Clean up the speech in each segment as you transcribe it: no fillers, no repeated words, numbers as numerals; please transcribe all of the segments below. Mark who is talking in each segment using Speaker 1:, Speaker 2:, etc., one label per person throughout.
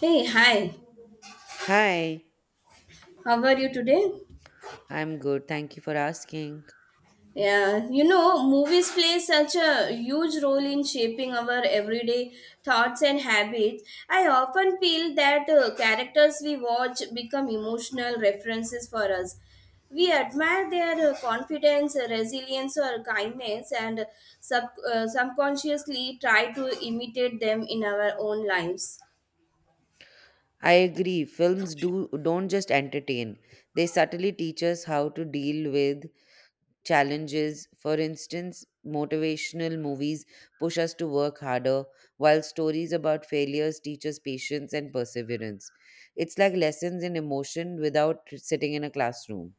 Speaker 1: Hey, hi.
Speaker 2: Hi,
Speaker 1: How are you today?
Speaker 2: I'm good. Thank you for asking.
Speaker 1: Movies play such a huge role in shaping our everyday thoughts and habits. I often feel that characters we watch become emotional references for us. We admire their confidence, resilience, or kindness, and subconsciously try to imitate them in our own lives.
Speaker 2: I agree. Films do don't just entertain. They subtly teach us how to deal with challenges. For instance, motivational movies push us to work harder, while stories about failures teach us patience and perseverance. It's like lessons in emotion without sitting in a classroom.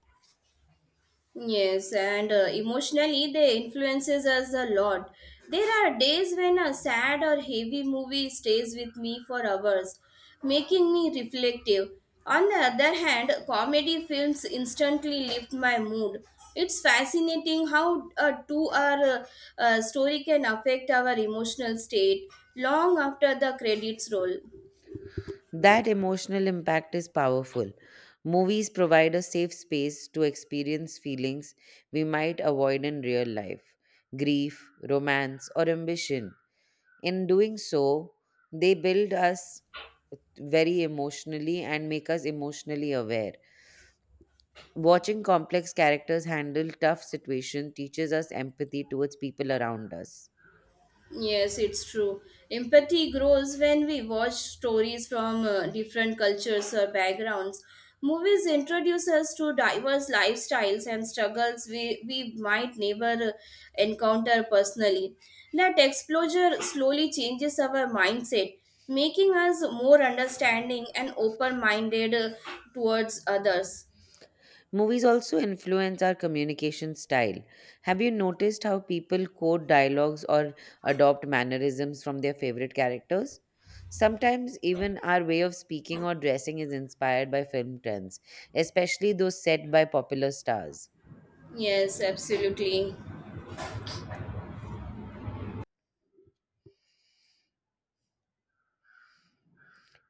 Speaker 1: Yes, and emotionally they influences us a lot. There are days when a sad or heavy movie stays with me for hours, making me reflective. On the other hand, comedy films instantly lift my mood. It's fascinating how a two-hour story can affect our emotional state long after the credits roll.
Speaker 2: That emotional impact is powerful. Movies provide a safe space to experience feelings we might avoid in real life grief, romance, or ambition. In doing so, they build us very emotionally and make us emotionally aware. Watching complex characters handle tough situations teaches us empathy towards people around us.
Speaker 1: Yes, it's true. Empathy grows when we watch stories from different cultures or backgrounds. Movies introduce us to diverse lifestyles and struggles we might never encounter personally. That exposure slowly changes our mindset, making us more understanding and open minded towards others.
Speaker 2: Movies also influence our communication style. Have you noticed how people quote dialogues or adopt mannerisms from their favorite characters? Sometimes, even our way of speaking or dressing is inspired by film trends, especially those set by popular stars.
Speaker 1: Yes, absolutely.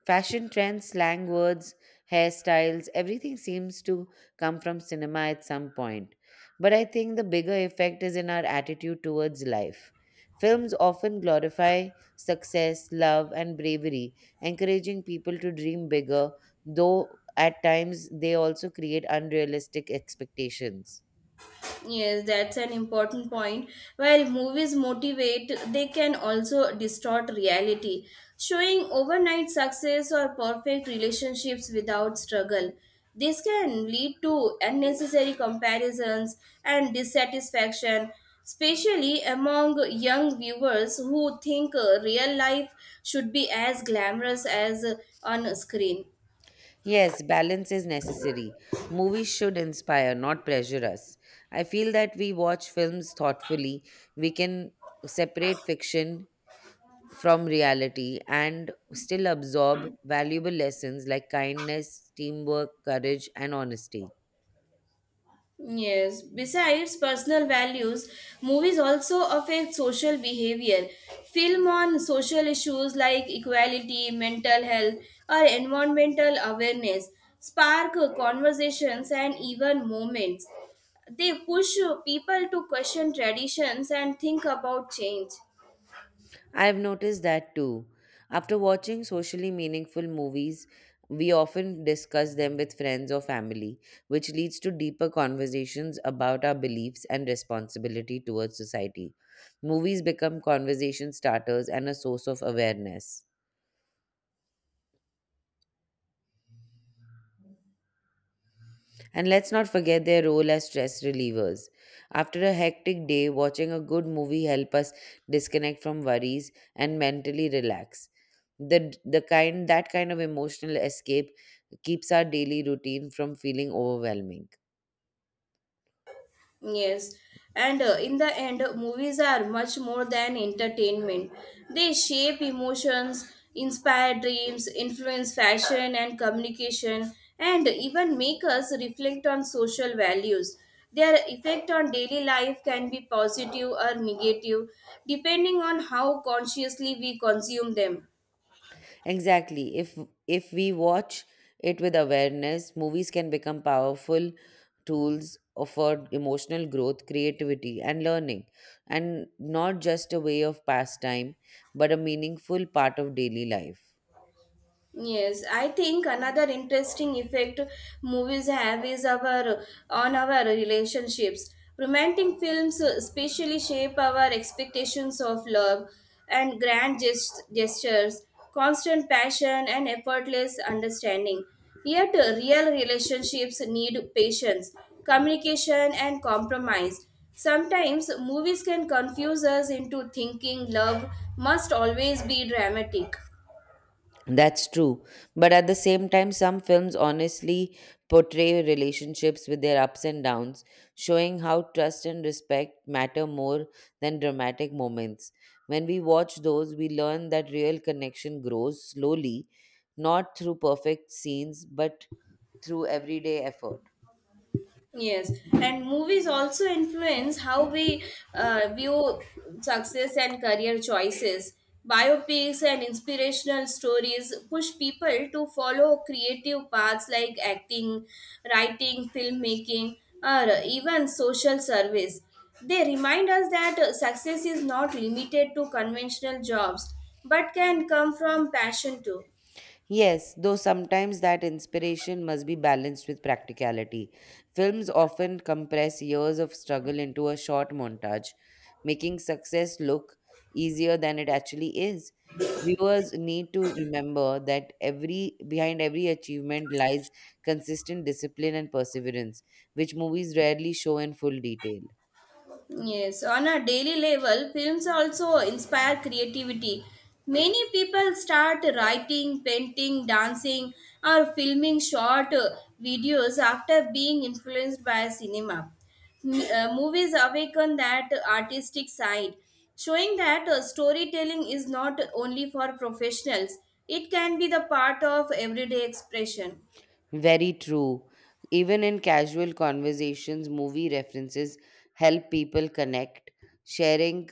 Speaker 2: Fashion trends, slang words, hairstyles, everything seems to come from cinema at some point. But I think the bigger effect is in our attitude towards life. Films often glorify success, love, and bravery, encouraging people to dream bigger, though at times they also create unrealistic expectations.
Speaker 1: Yes, that's an important point. While movies motivate, they can also distort reality, showing overnight success or perfect relationships without struggle. This can lead to unnecessary comparisons and dissatisfaction, especially among young viewers who think real life should be as glamorous as on screen.
Speaker 2: Yes, balance is necessary. Movies should inspire, not pressure us. I feel that we watch films thoughtfully. We can separate fiction from reality and still absorb valuable lessons like kindness, teamwork, courage, and honesty.
Speaker 1: Yes, besides personal values, movies also affect social behavior. Film on social issues like equality, mental health, or environmental awareness spark conversations and even moments. They push people to question traditions and think about change.
Speaker 2: I've noticed that too. After watching socially meaningful movies, we often discuss them with friends or family, which leads to deeper conversations about our beliefs and responsibility towards society. Movies become conversation starters and a source of awareness. And let's not forget their role as stress relievers. After a hectic day, watching a good movie help us disconnect from worries and mentally relax. The kind of emotional escape keeps our daily routine from feeling overwhelming.
Speaker 1: Yes, and in the end, movies are much more than entertainment. They shape emotions, inspire dreams, influence fashion and communication, and even make us reflect on social values. Their effect on daily life can be positive or negative, depending on how consciously we consume them.
Speaker 2: Exactly. If we watch it with awareness, movies can become powerful tools offered emotional growth, creativity, and learning, and not just a way of pastime, but a meaningful part of daily life.
Speaker 1: Yes, I think another interesting effect movies have is our on our relationships. Romantic films especially shape our expectations of love and gestures, constant passion and effortless understanding. Yet real relationships need patience, communication and compromise. Sometimes movies can confuse us into thinking love must always be dramatic.
Speaker 2: That's true. But at the same time, some films honestly portray relationships with their ups and downs, showing how trust and respect matter more than dramatic moments. When we watch those, we learn that real connection grows slowly, not through perfect scenes, but through everyday effort.
Speaker 1: Yes, and movies also influence how we view success and career choices. Biopics and inspirational stories push people to follow creative paths like acting, writing, filmmaking, or even social service. They remind us that success is not limited to conventional jobs but can come from passion too.
Speaker 2: Yes, though sometimes that inspiration must be balanced with practicality. Films often compress years of struggle into a short montage, making success look easier than it actually is. Viewers need to remember that every behind every achievement lies consistent discipline and perseverance, which movies rarely show in full detail.
Speaker 1: Yes, on a daily level, films also inspire creativity. Many people start writing, painting, dancing, or filming short videos after being influenced by cinema. Movies awaken that artistic side, showing that storytelling is not only for professionals, it can be the part of everyday expression.
Speaker 2: Very true. Even in casual conversations, movie references help people connect, sharing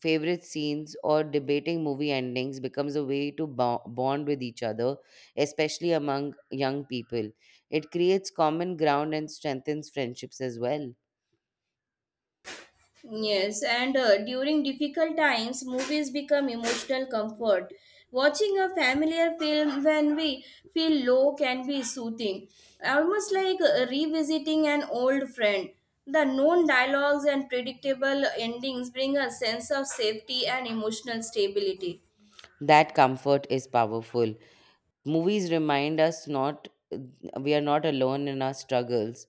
Speaker 2: favorite scenes or debating movie endings becomes a way to bond with each other, especially among young people. It creates common ground and strengthens friendships as well.
Speaker 1: Yes, and during difficult times, movies become emotional comfort. Watching a familiar film when we feel low can be soothing, almost like revisiting an old friend. The known dialogues and predictable endings bring a sense of safety and emotional stability.
Speaker 2: That comfort is powerful. Movies remind us not we are not alone in our struggles.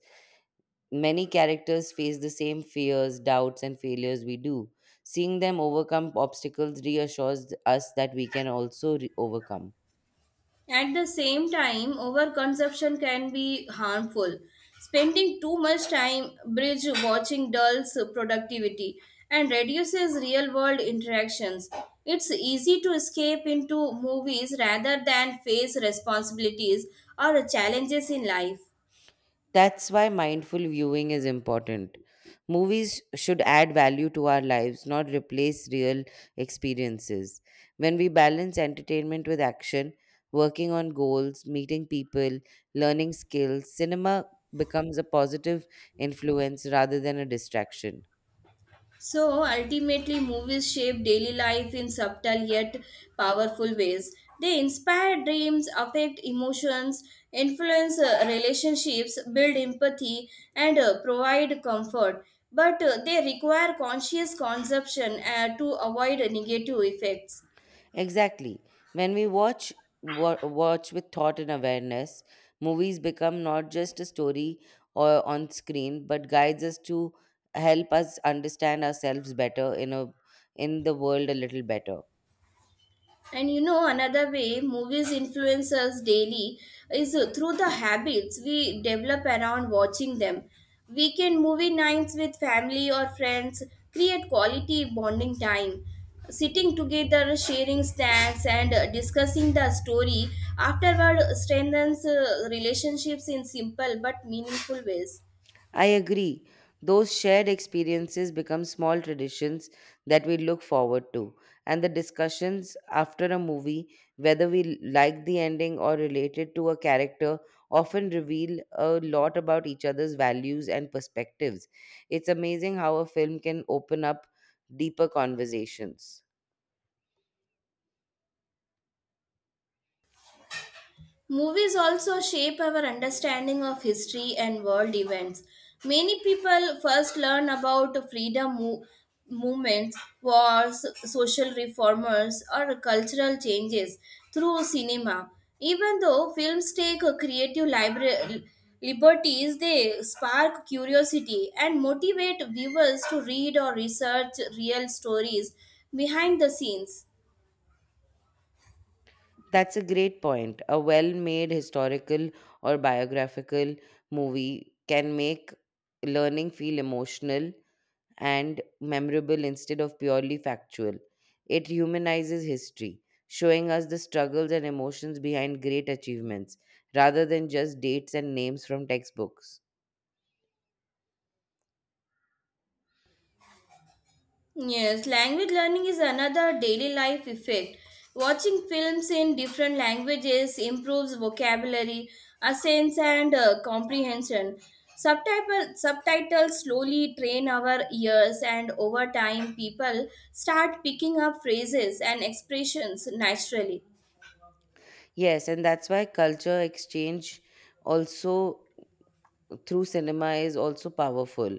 Speaker 2: Many characters face the same fears, doubts, and failures we do. Seeing them overcome obstacles reassures us that we can also overcome.
Speaker 1: At the same time, overconsumption can be harmful. Spending too much time bridge watching dulls productivity and reduces real world interactions. It's easy to escape into movies rather than face responsibilities or challenges in life.
Speaker 2: That's why mindful viewing is important. Movies should add value to our lives, not replace real experiences. When we balance entertainment with action, working on goals, meeting people, learning skills, cinema becomes a positive influence rather than a distraction.
Speaker 1: So ultimately, movies shape daily life in subtle yet powerful ways. They inspire dreams, affect emotions, influence relationships, build empathy, and provide comfort. But they require conscious consumption to avoid negative effects.
Speaker 2: Exactly. When we watch with thought and awareness, movies become not just a story or on screen, but guides us to help us understand ourselves better in the world a little better.
Speaker 1: Another way movies influence us daily is through the habits we develop around watching them. Weekend movie nights with family or friends create quality bonding time. Sitting together, sharing snacks, and discussing the story afterward strengthens relationships in simple but meaningful ways.
Speaker 2: I agree. Those shared experiences become small traditions that we look forward to, and the discussions after a movie, whether we like the ending or related to a character, often reveal a lot about each other's values and perspectives. It's amazing how a film can open up deeper conversations.
Speaker 1: Movies also shape our understanding of history and world events. Many people first learn about movements, wars, social reformers, or cultural changes through cinema. Even though films take a liberties, they spark curiosity and motivate viewers to read or research real stories behind the scenes.
Speaker 2: That's a great point. A well made historical or biographical movie can make learning feel emotional and memorable instead of purely factual. It humanizes history, showing us the struggles and emotions behind great achievements rather than just dates and names from textbooks.
Speaker 1: Yes, language learning is another daily life effect. Watching films in different languages improves vocabulary, accents, and comprehension. Subtitles slowly train our ears, and over time, people start picking up phrases and expressions naturally.
Speaker 2: Yes, and that's why culture exchange also through cinema is also powerful.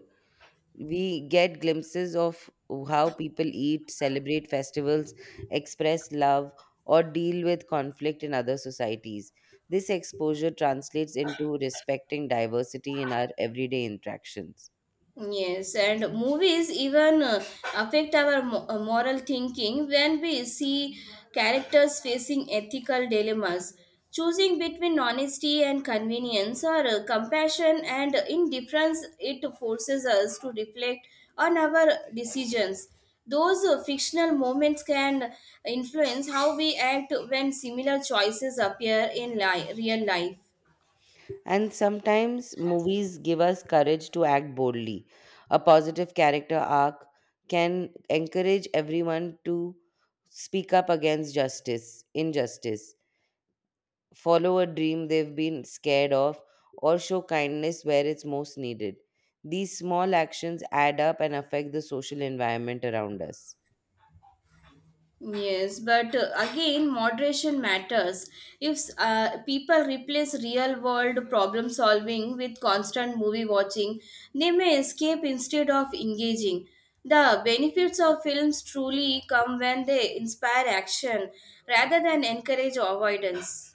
Speaker 2: We get glimpses of how people eat, celebrate festivals, express love, or deal with conflict in other societies. This exposure translates into respecting diversity in our everyday interactions.
Speaker 1: Yes, and movies even affect our moral thinking when we see characters facing ethical dilemmas, choosing between honesty and convenience or compassion and indifference. It forces us to reflect on our decisions. Those fictional moments can influence how we act when similar choices appear in real life.
Speaker 2: And sometimes movies give us courage to act boldly. A positive character arc can encourage everyone to speak up against justice, injustice follow a dream they've been scared of, or show kindness where it's most needed. These small actions add up and affect the social environment around us.
Speaker 1: Yes, but again, moderation matters. If people replace real world problem solving with constant movie watching, they may escape instead of engaging. The benefits of films truly come when they inspire action rather than encourage avoidance.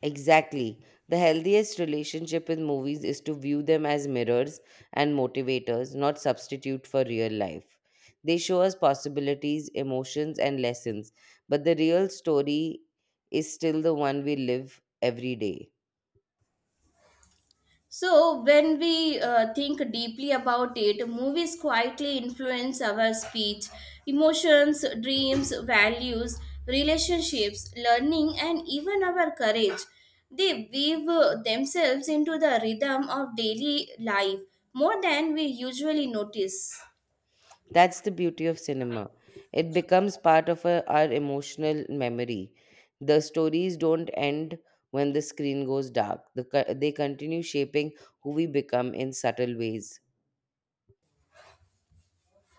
Speaker 2: Exactly. The healthiest relationship with movies is to view them as mirrors and motivators, not substitute for real life. They show us possibilities, emotions, and lessons, but the real story is still the one we live every day.
Speaker 1: So, when we think deeply about it, movies quietly influence our speech, emotions, dreams, values, relationships, learning, and even our courage. They weave themselves into the rhythm of daily life more than we usually notice.
Speaker 2: That's the beauty of cinema. It becomes part of our emotional memory. The stories don't end when the screen goes dark, they continue shaping who we become in subtle ways.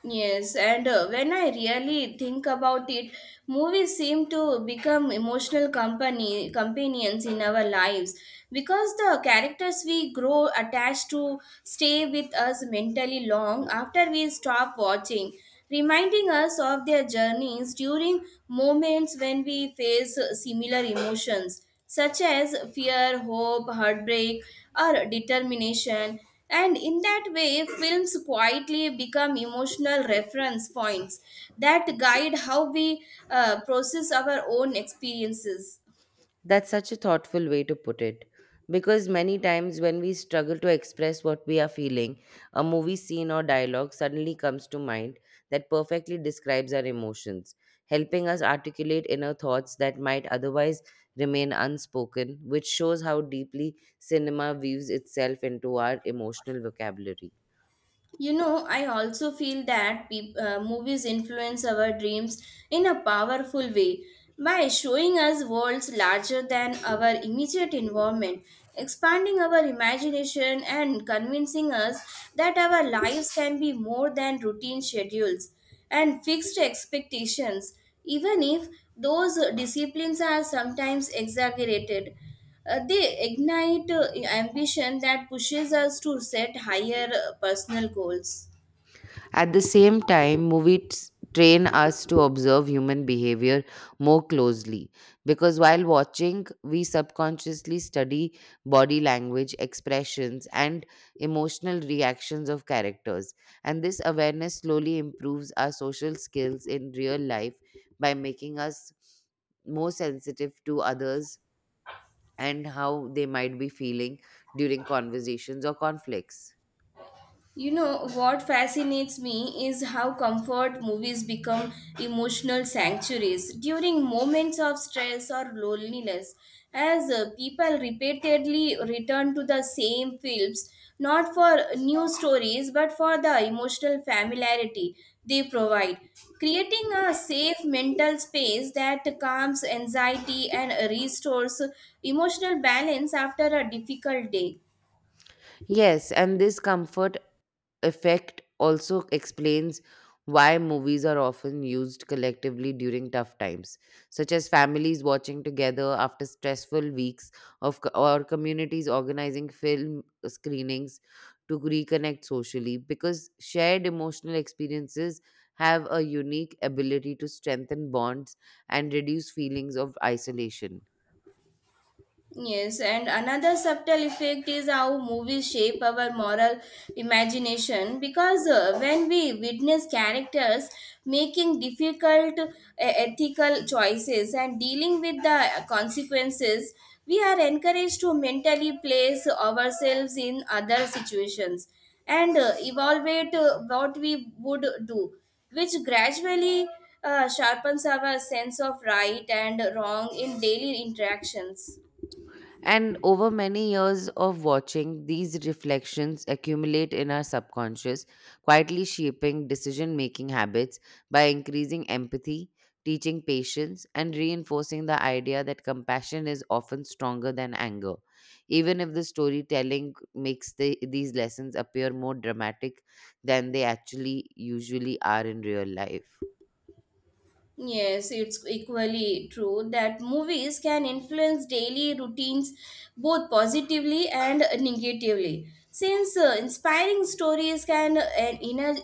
Speaker 1: Yes, and when I really think about it, movies seem to become emotional company companions in our lives because the characters we grow attached to stay with us mentally long after we stop watching reminding us of their journeys during moments when we face similar emotions such as fear, hope, heartbreak, or determination. And in that way, films quietly become emotional reference points that guide how we process our own experiences.
Speaker 2: That's such a thoughtful way to put it. Because many times when we struggle to express what we are feeling, a movie scene or dialogue suddenly comes to mind that perfectly describes our emotions, helping us articulate inner thoughts that might otherwise remain unspoken, which shows how deeply cinema weaves itself into our emotional vocabulary.
Speaker 1: You know, I also feel that movies influence our dreams in a powerful way by showing us worlds larger than our immediate environment, expanding our imagination, and convincing us that our lives can be more than routine schedules and fixed expectations, even if those disciplines are sometimes exaggerated. They ignite ambition that pushes us to set higher personal goals.
Speaker 2: At the same time, movies train us to observe human behavior more closely because while watching, we subconsciously study body language, expressions, and emotional reactions of characters. And this awareness slowly improves our social skills in real life by making us more sensitive to others and how they might be feeling during conversations or conflicts.
Speaker 1: You know, what fascinates me is how comfort movies become emotional sanctuaries during moments of stress or loneliness, as people repeatedly return to the same films, not for new stories but for the emotional familiarity they provide, creating a safe mental space that calms anxiety and restores emotional balance after a difficult day.
Speaker 2: Yes, and this comfort effect also explains why movies are often used collectively during tough times, such as families watching together after stressful weeks or communities organizing film screenings to reconnect socially, because shared emotional experiences have a unique ability to strengthen bonds and reduce feelings of isolation.
Speaker 1: Yes, and another subtle effect is how movies shape our moral imagination because when we witness characters making difficult ethical choices and dealing with the consequences, we are encouraged to mentally place ourselves in other situations and evaluate what we would do, which gradually sharpens our sense of right and wrong in daily interactions.
Speaker 2: And over many years of watching, these reflections accumulate in our subconscious, quietly shaping decision making habits by increasing empathy, teaching patience, and reinforcing the idea that compassion is often stronger than anger. Even if the storytelling makes these lessons appear more dramatic than they actually usually are in real life.
Speaker 1: Yes, it's equally true that movies can influence daily routines both positively and negatively. Since inspiring stories can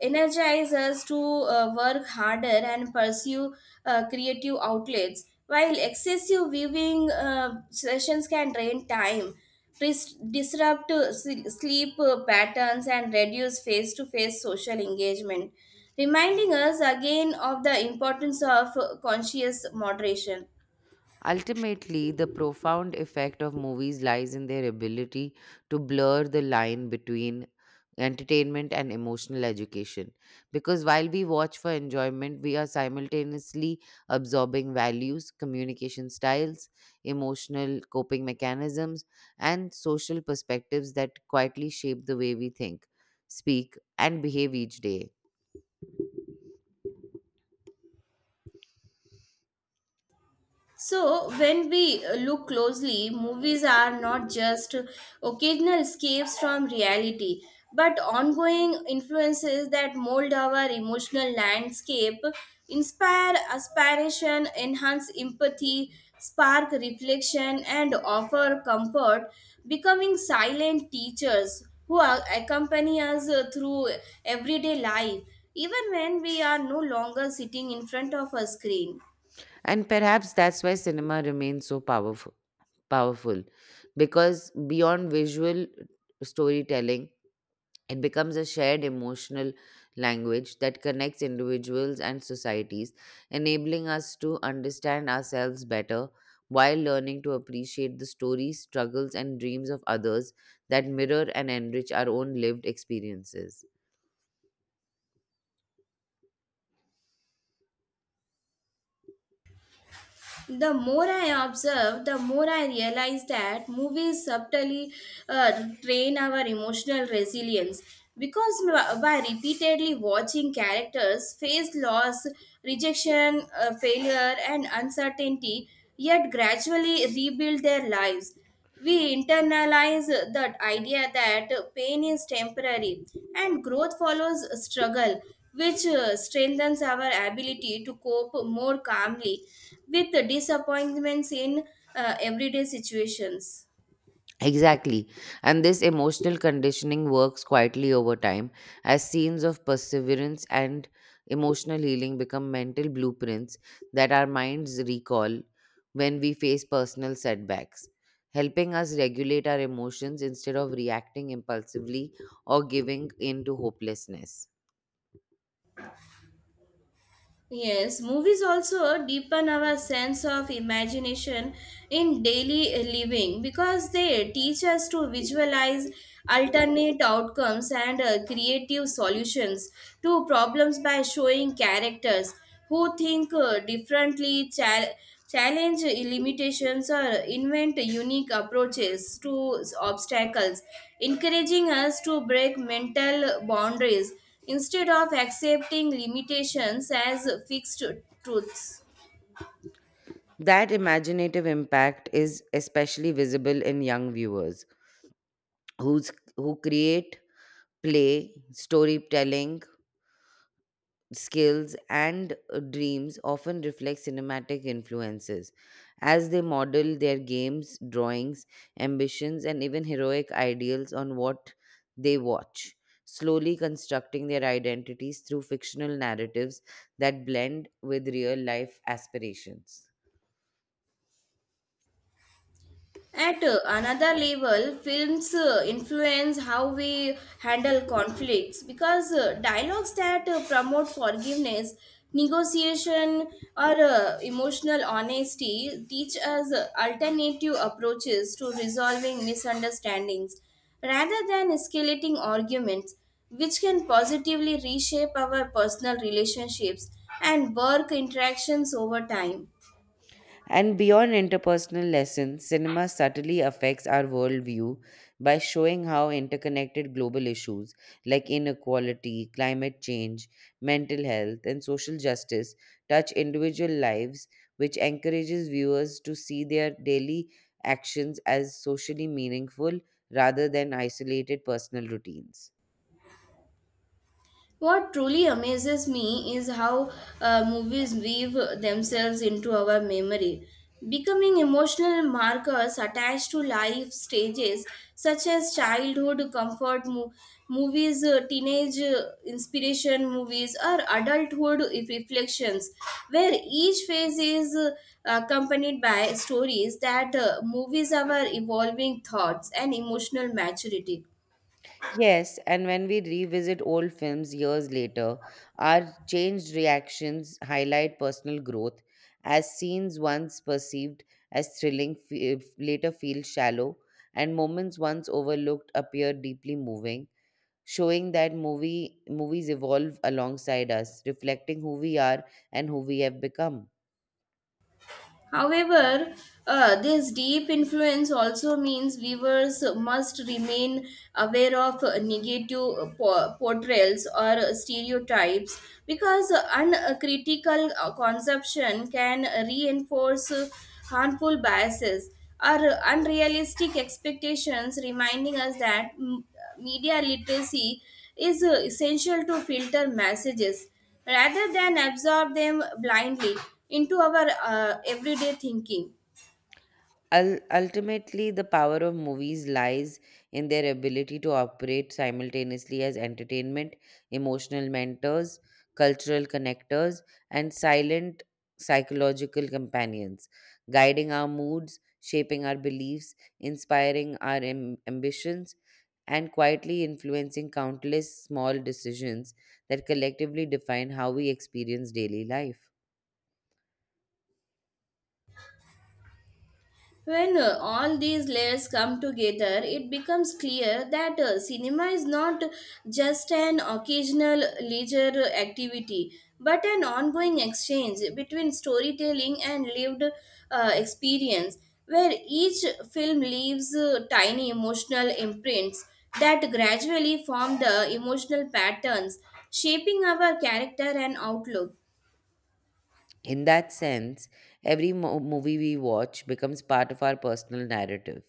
Speaker 1: energize us to work harder and pursue creative outlets, while excessive viewing sessions can drain time, disrupt sleep patterns, and reduce face to face social engagement reminding us again of the importance of conscious moderation.
Speaker 2: Ultimately, the profound effect of movies lies in their ability to blur the line between entertainment and emotional education. Because while we watch for enjoyment, we are simultaneously absorbing values, communication styles, emotional coping mechanisms, and social perspectives that quietly shape the way we think, speak, and behave each day.
Speaker 1: So, when we look closely, movies are not just occasional escapes from reality, but ongoing influences that mold our emotional landscape, inspire aspiration, enhance empathy, spark reflection, and offer comfort, becoming silent teachers who accompany us through everyday life, even when we are no longer sitting in front of a screen.
Speaker 2: And perhaps that's why cinema remains so powerful Powerful. Because beyond visual storytelling, it becomes a shared emotional language that connects individuals and societies, enabling us to understand ourselves better while learning to appreciate the stories, struggles, and dreams of others that mirror and enrich our own lived experiences.
Speaker 1: The more I observe, the more I realize that movies subtly train our emotional resilience. Because by repeatedly watching characters face loss, rejection, failure, and uncertainty, yet gradually rebuild their lives. We internalize the idea that pain is temporary and growth follows struggle, which strengthens our ability to cope more calmly with the disappointments in everyday situations.
Speaker 2: Exactly. And this emotional conditioning works quietly over time as scenes of perseverance and emotional healing become mental blueprints that our minds recall when we face personal setbacks, helping us regulate our emotions instead of reacting impulsively or giving in to hopelessness.
Speaker 1: Yes, movies also deepen our sense of imagination in daily living because they teach us to visualize alternate outcomes and creative solutions to problems by showing characters who think differently, challenge limitations, or invent unique approaches to obstacles, encouraging us to break mental boundaries instead of accepting limitations as fixed truths.
Speaker 2: That imaginative impact is especially visible in young viewers who create play, storytelling, skills and dreams often reflect cinematic influences as they model their games, drawings, ambitions, and even heroic ideals on what they watch, slowly constructing their identities through fictional narratives that blend with real life aspirations.
Speaker 1: At another level, films influence how we handle conflicts because dialogues that promote forgiveness, negotiation, or emotional honesty teach us alternative approaches to resolving misunderstandings rather than escalating arguments, which can positively reshape our personal relationships and work interactions over time.
Speaker 2: And beyond interpersonal lessons, cinema subtly affects our worldview by showing how interconnected global issues like inequality, climate change, mental health, and social justice touch individual lives, which encourages viewers to see their daily actions as socially meaningful rather than isolated personal routines.
Speaker 1: What truly amazes me is how movies weave themselves into our memory, becoming emotional markers attached to life stages such as movies, teenage inspiration movies, or adulthood reflections, where each phase is accompanied by stories that movies our evolving thoughts and emotional maturity.
Speaker 2: Yes, and when we revisit old films years later, our changed reactions highlight personal growth, as scenes once perceived as thrilling later feel shallow, and moments once overlooked appear deeply moving, showing that movies evolve alongside us, reflecting who we are and who we have become.
Speaker 1: However, this deep influence also means viewers must remain aware of negative portrayals or stereotypes because uncritical consumption can reinforce harmful biases or unrealistic expectations, reminding us that media literacy is essential to filter messages rather than absorb them blindly into our everyday thinking.
Speaker 2: Ultimately, the power of movies lies in their ability to operate simultaneously as entertainment, emotional mentors, cultural connectors, and silent psychological companions, guiding our moods, shaping our beliefs, inspiring our ambitions, and quietly influencing countless small decisions that collectively define how we experience daily life.
Speaker 1: When all these layers come together, it becomes clear that cinema is not just an occasional leisure activity, but an ongoing exchange between storytelling and lived experience, where each film leaves tiny emotional imprints that gradually form the emotional patterns, shaping our character and outlook.
Speaker 2: In that sense, every movie we watch becomes part of our personal narrative,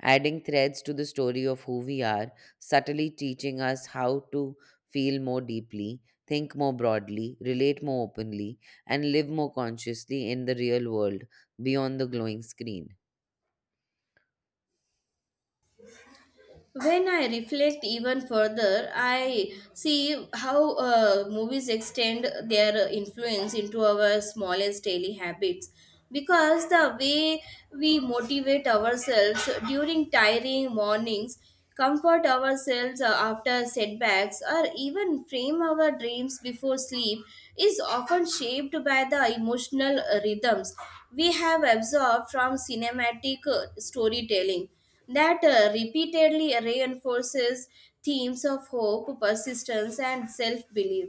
Speaker 2: adding threads to the story of who we are, subtly teaching us how to feel more deeply, think more broadly, relate more openly, and live more consciously in the real world beyond the glowing screen.
Speaker 1: When I reflect even further, I see how movies extend their influence into our smallest daily habits. Because the way we motivate ourselves during tiring mornings, comfort ourselves after setbacks, or even frame our dreams before sleep is often shaped by the emotional rhythms we have absorbed from cinematic storytelling that repeatedly reinforces themes of hope, persistence, and self belief.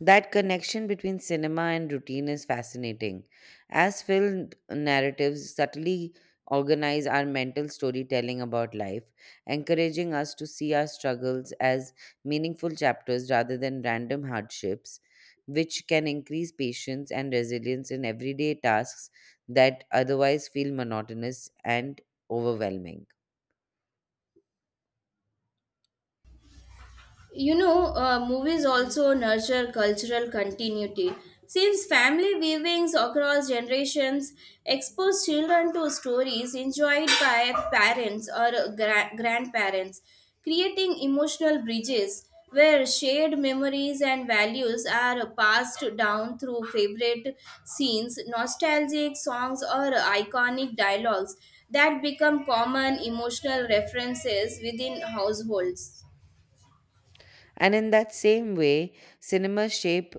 Speaker 2: That connection between cinema and routine is fascinating, as film narratives subtly organize our mental storytelling about life, encouraging us to see our struggles as meaningful chapters rather than random hardships, which can increase patience and resilience in everyday tasks that otherwise feel monotonous and overwhelming.
Speaker 1: You know, movies also nurture cultural continuity. Since family viewings across generations expose children to stories enjoyed by parents or grandparents, creating emotional bridges where shared memories and values are passed down through favorite scenes, nostalgic songs, or iconic dialogues that become common emotional references within households.
Speaker 2: And in that same way, cinema shape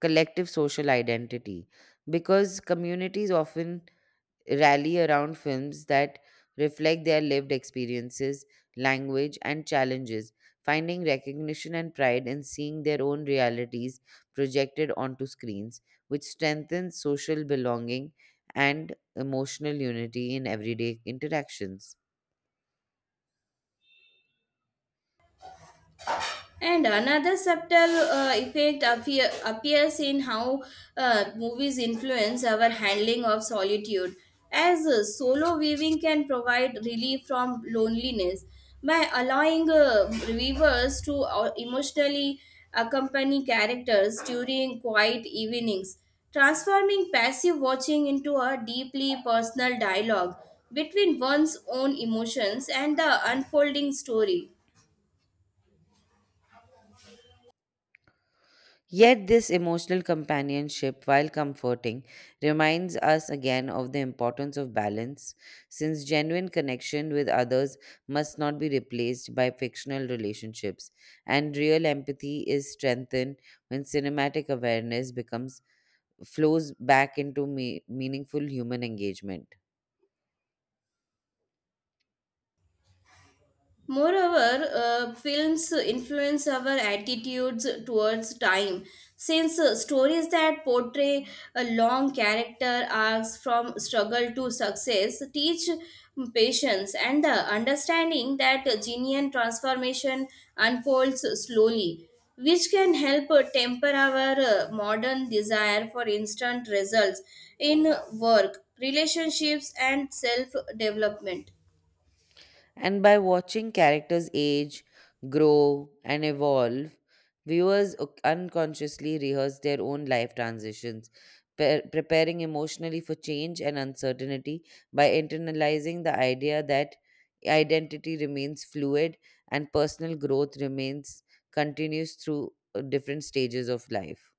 Speaker 2: collective social identity because communities often rally around films that reflect their lived experiences, language, and challenges, finding recognition and pride in seeing their own realities projected onto screens, which strengthens social belonging and emotional unity in everyday interactions.
Speaker 1: And another subtle effect appears in how movies influence our handling of solitude, as solo viewing can provide relief from loneliness by allowing viewers to emotionally accompany characters during quiet evenings, transforming passive watching into a deeply personal dialogue between one's own emotions and the unfolding story.
Speaker 2: Yet, this emotional companionship, while comforting, reminds us again of the importance of balance, since genuine connection with others must not be replaced by fictional relationships, and real empathy is strengthened when cinematic awareness becomes flows back into meaningful human engagement.
Speaker 1: Moreover, films influence our attitudes towards time, since stories that portray a long character arcs from struggle to success teach patience and the understanding that genuine transformation unfolds slowly, which can help temper our modern desire for instant results in work, relationships, and self development.
Speaker 2: And by watching characters age, grow, and evolve, viewers unconsciously rehearse their own life transitions, preparing emotionally for change and uncertainty by internalizing the idea that identity remains fluid and personal growth remains continues through different stages of life.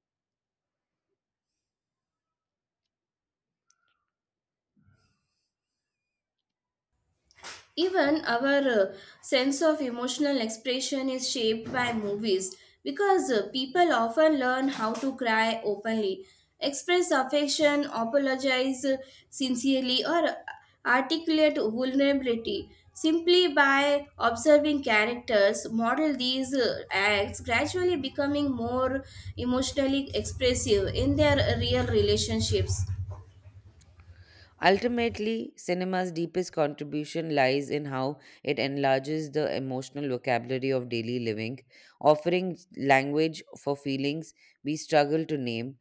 Speaker 1: Even our sense of emotional expression is shaped by movies because people often learn how to cry openly, express affection, apologize sincerely, or articulate vulnerability simply by observing characters model these acts, gradually becoming more emotionally expressive in their real relationships.
Speaker 2: Ultimately, cinema's deepest contribution lies in how it enlarges the emotional vocabulary of daily living, offering language for feelings we struggle to name,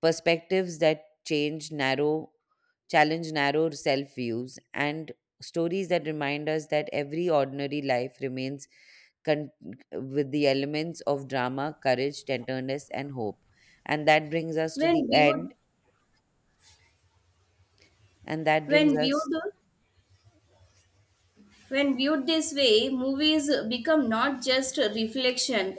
Speaker 2: perspectives that change narrow, challenge narrow self views, and stories that remind us that every ordinary life remains con- with the elements of drama, courage, tenderness, and hope. And that brings us to the
Speaker 1: When
Speaker 2: end.
Speaker 1: viewed,
Speaker 2: And that brings
Speaker 1: when
Speaker 2: us
Speaker 1: viewed When viewed this way, movies become not just a reflection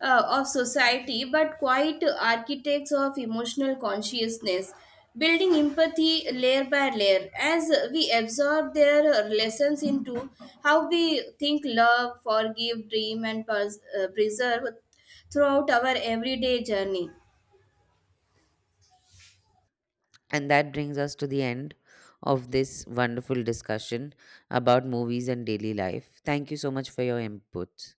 Speaker 1: of society but quite architects of emotional consciousness, building empathy layer by layer as we absorb their lessons into how we think, love, forgive, dream, and preserve throughout our everyday journey.
Speaker 2: And that brings us to the end of this wonderful discussion about movies and daily life. Thank you so much for your input.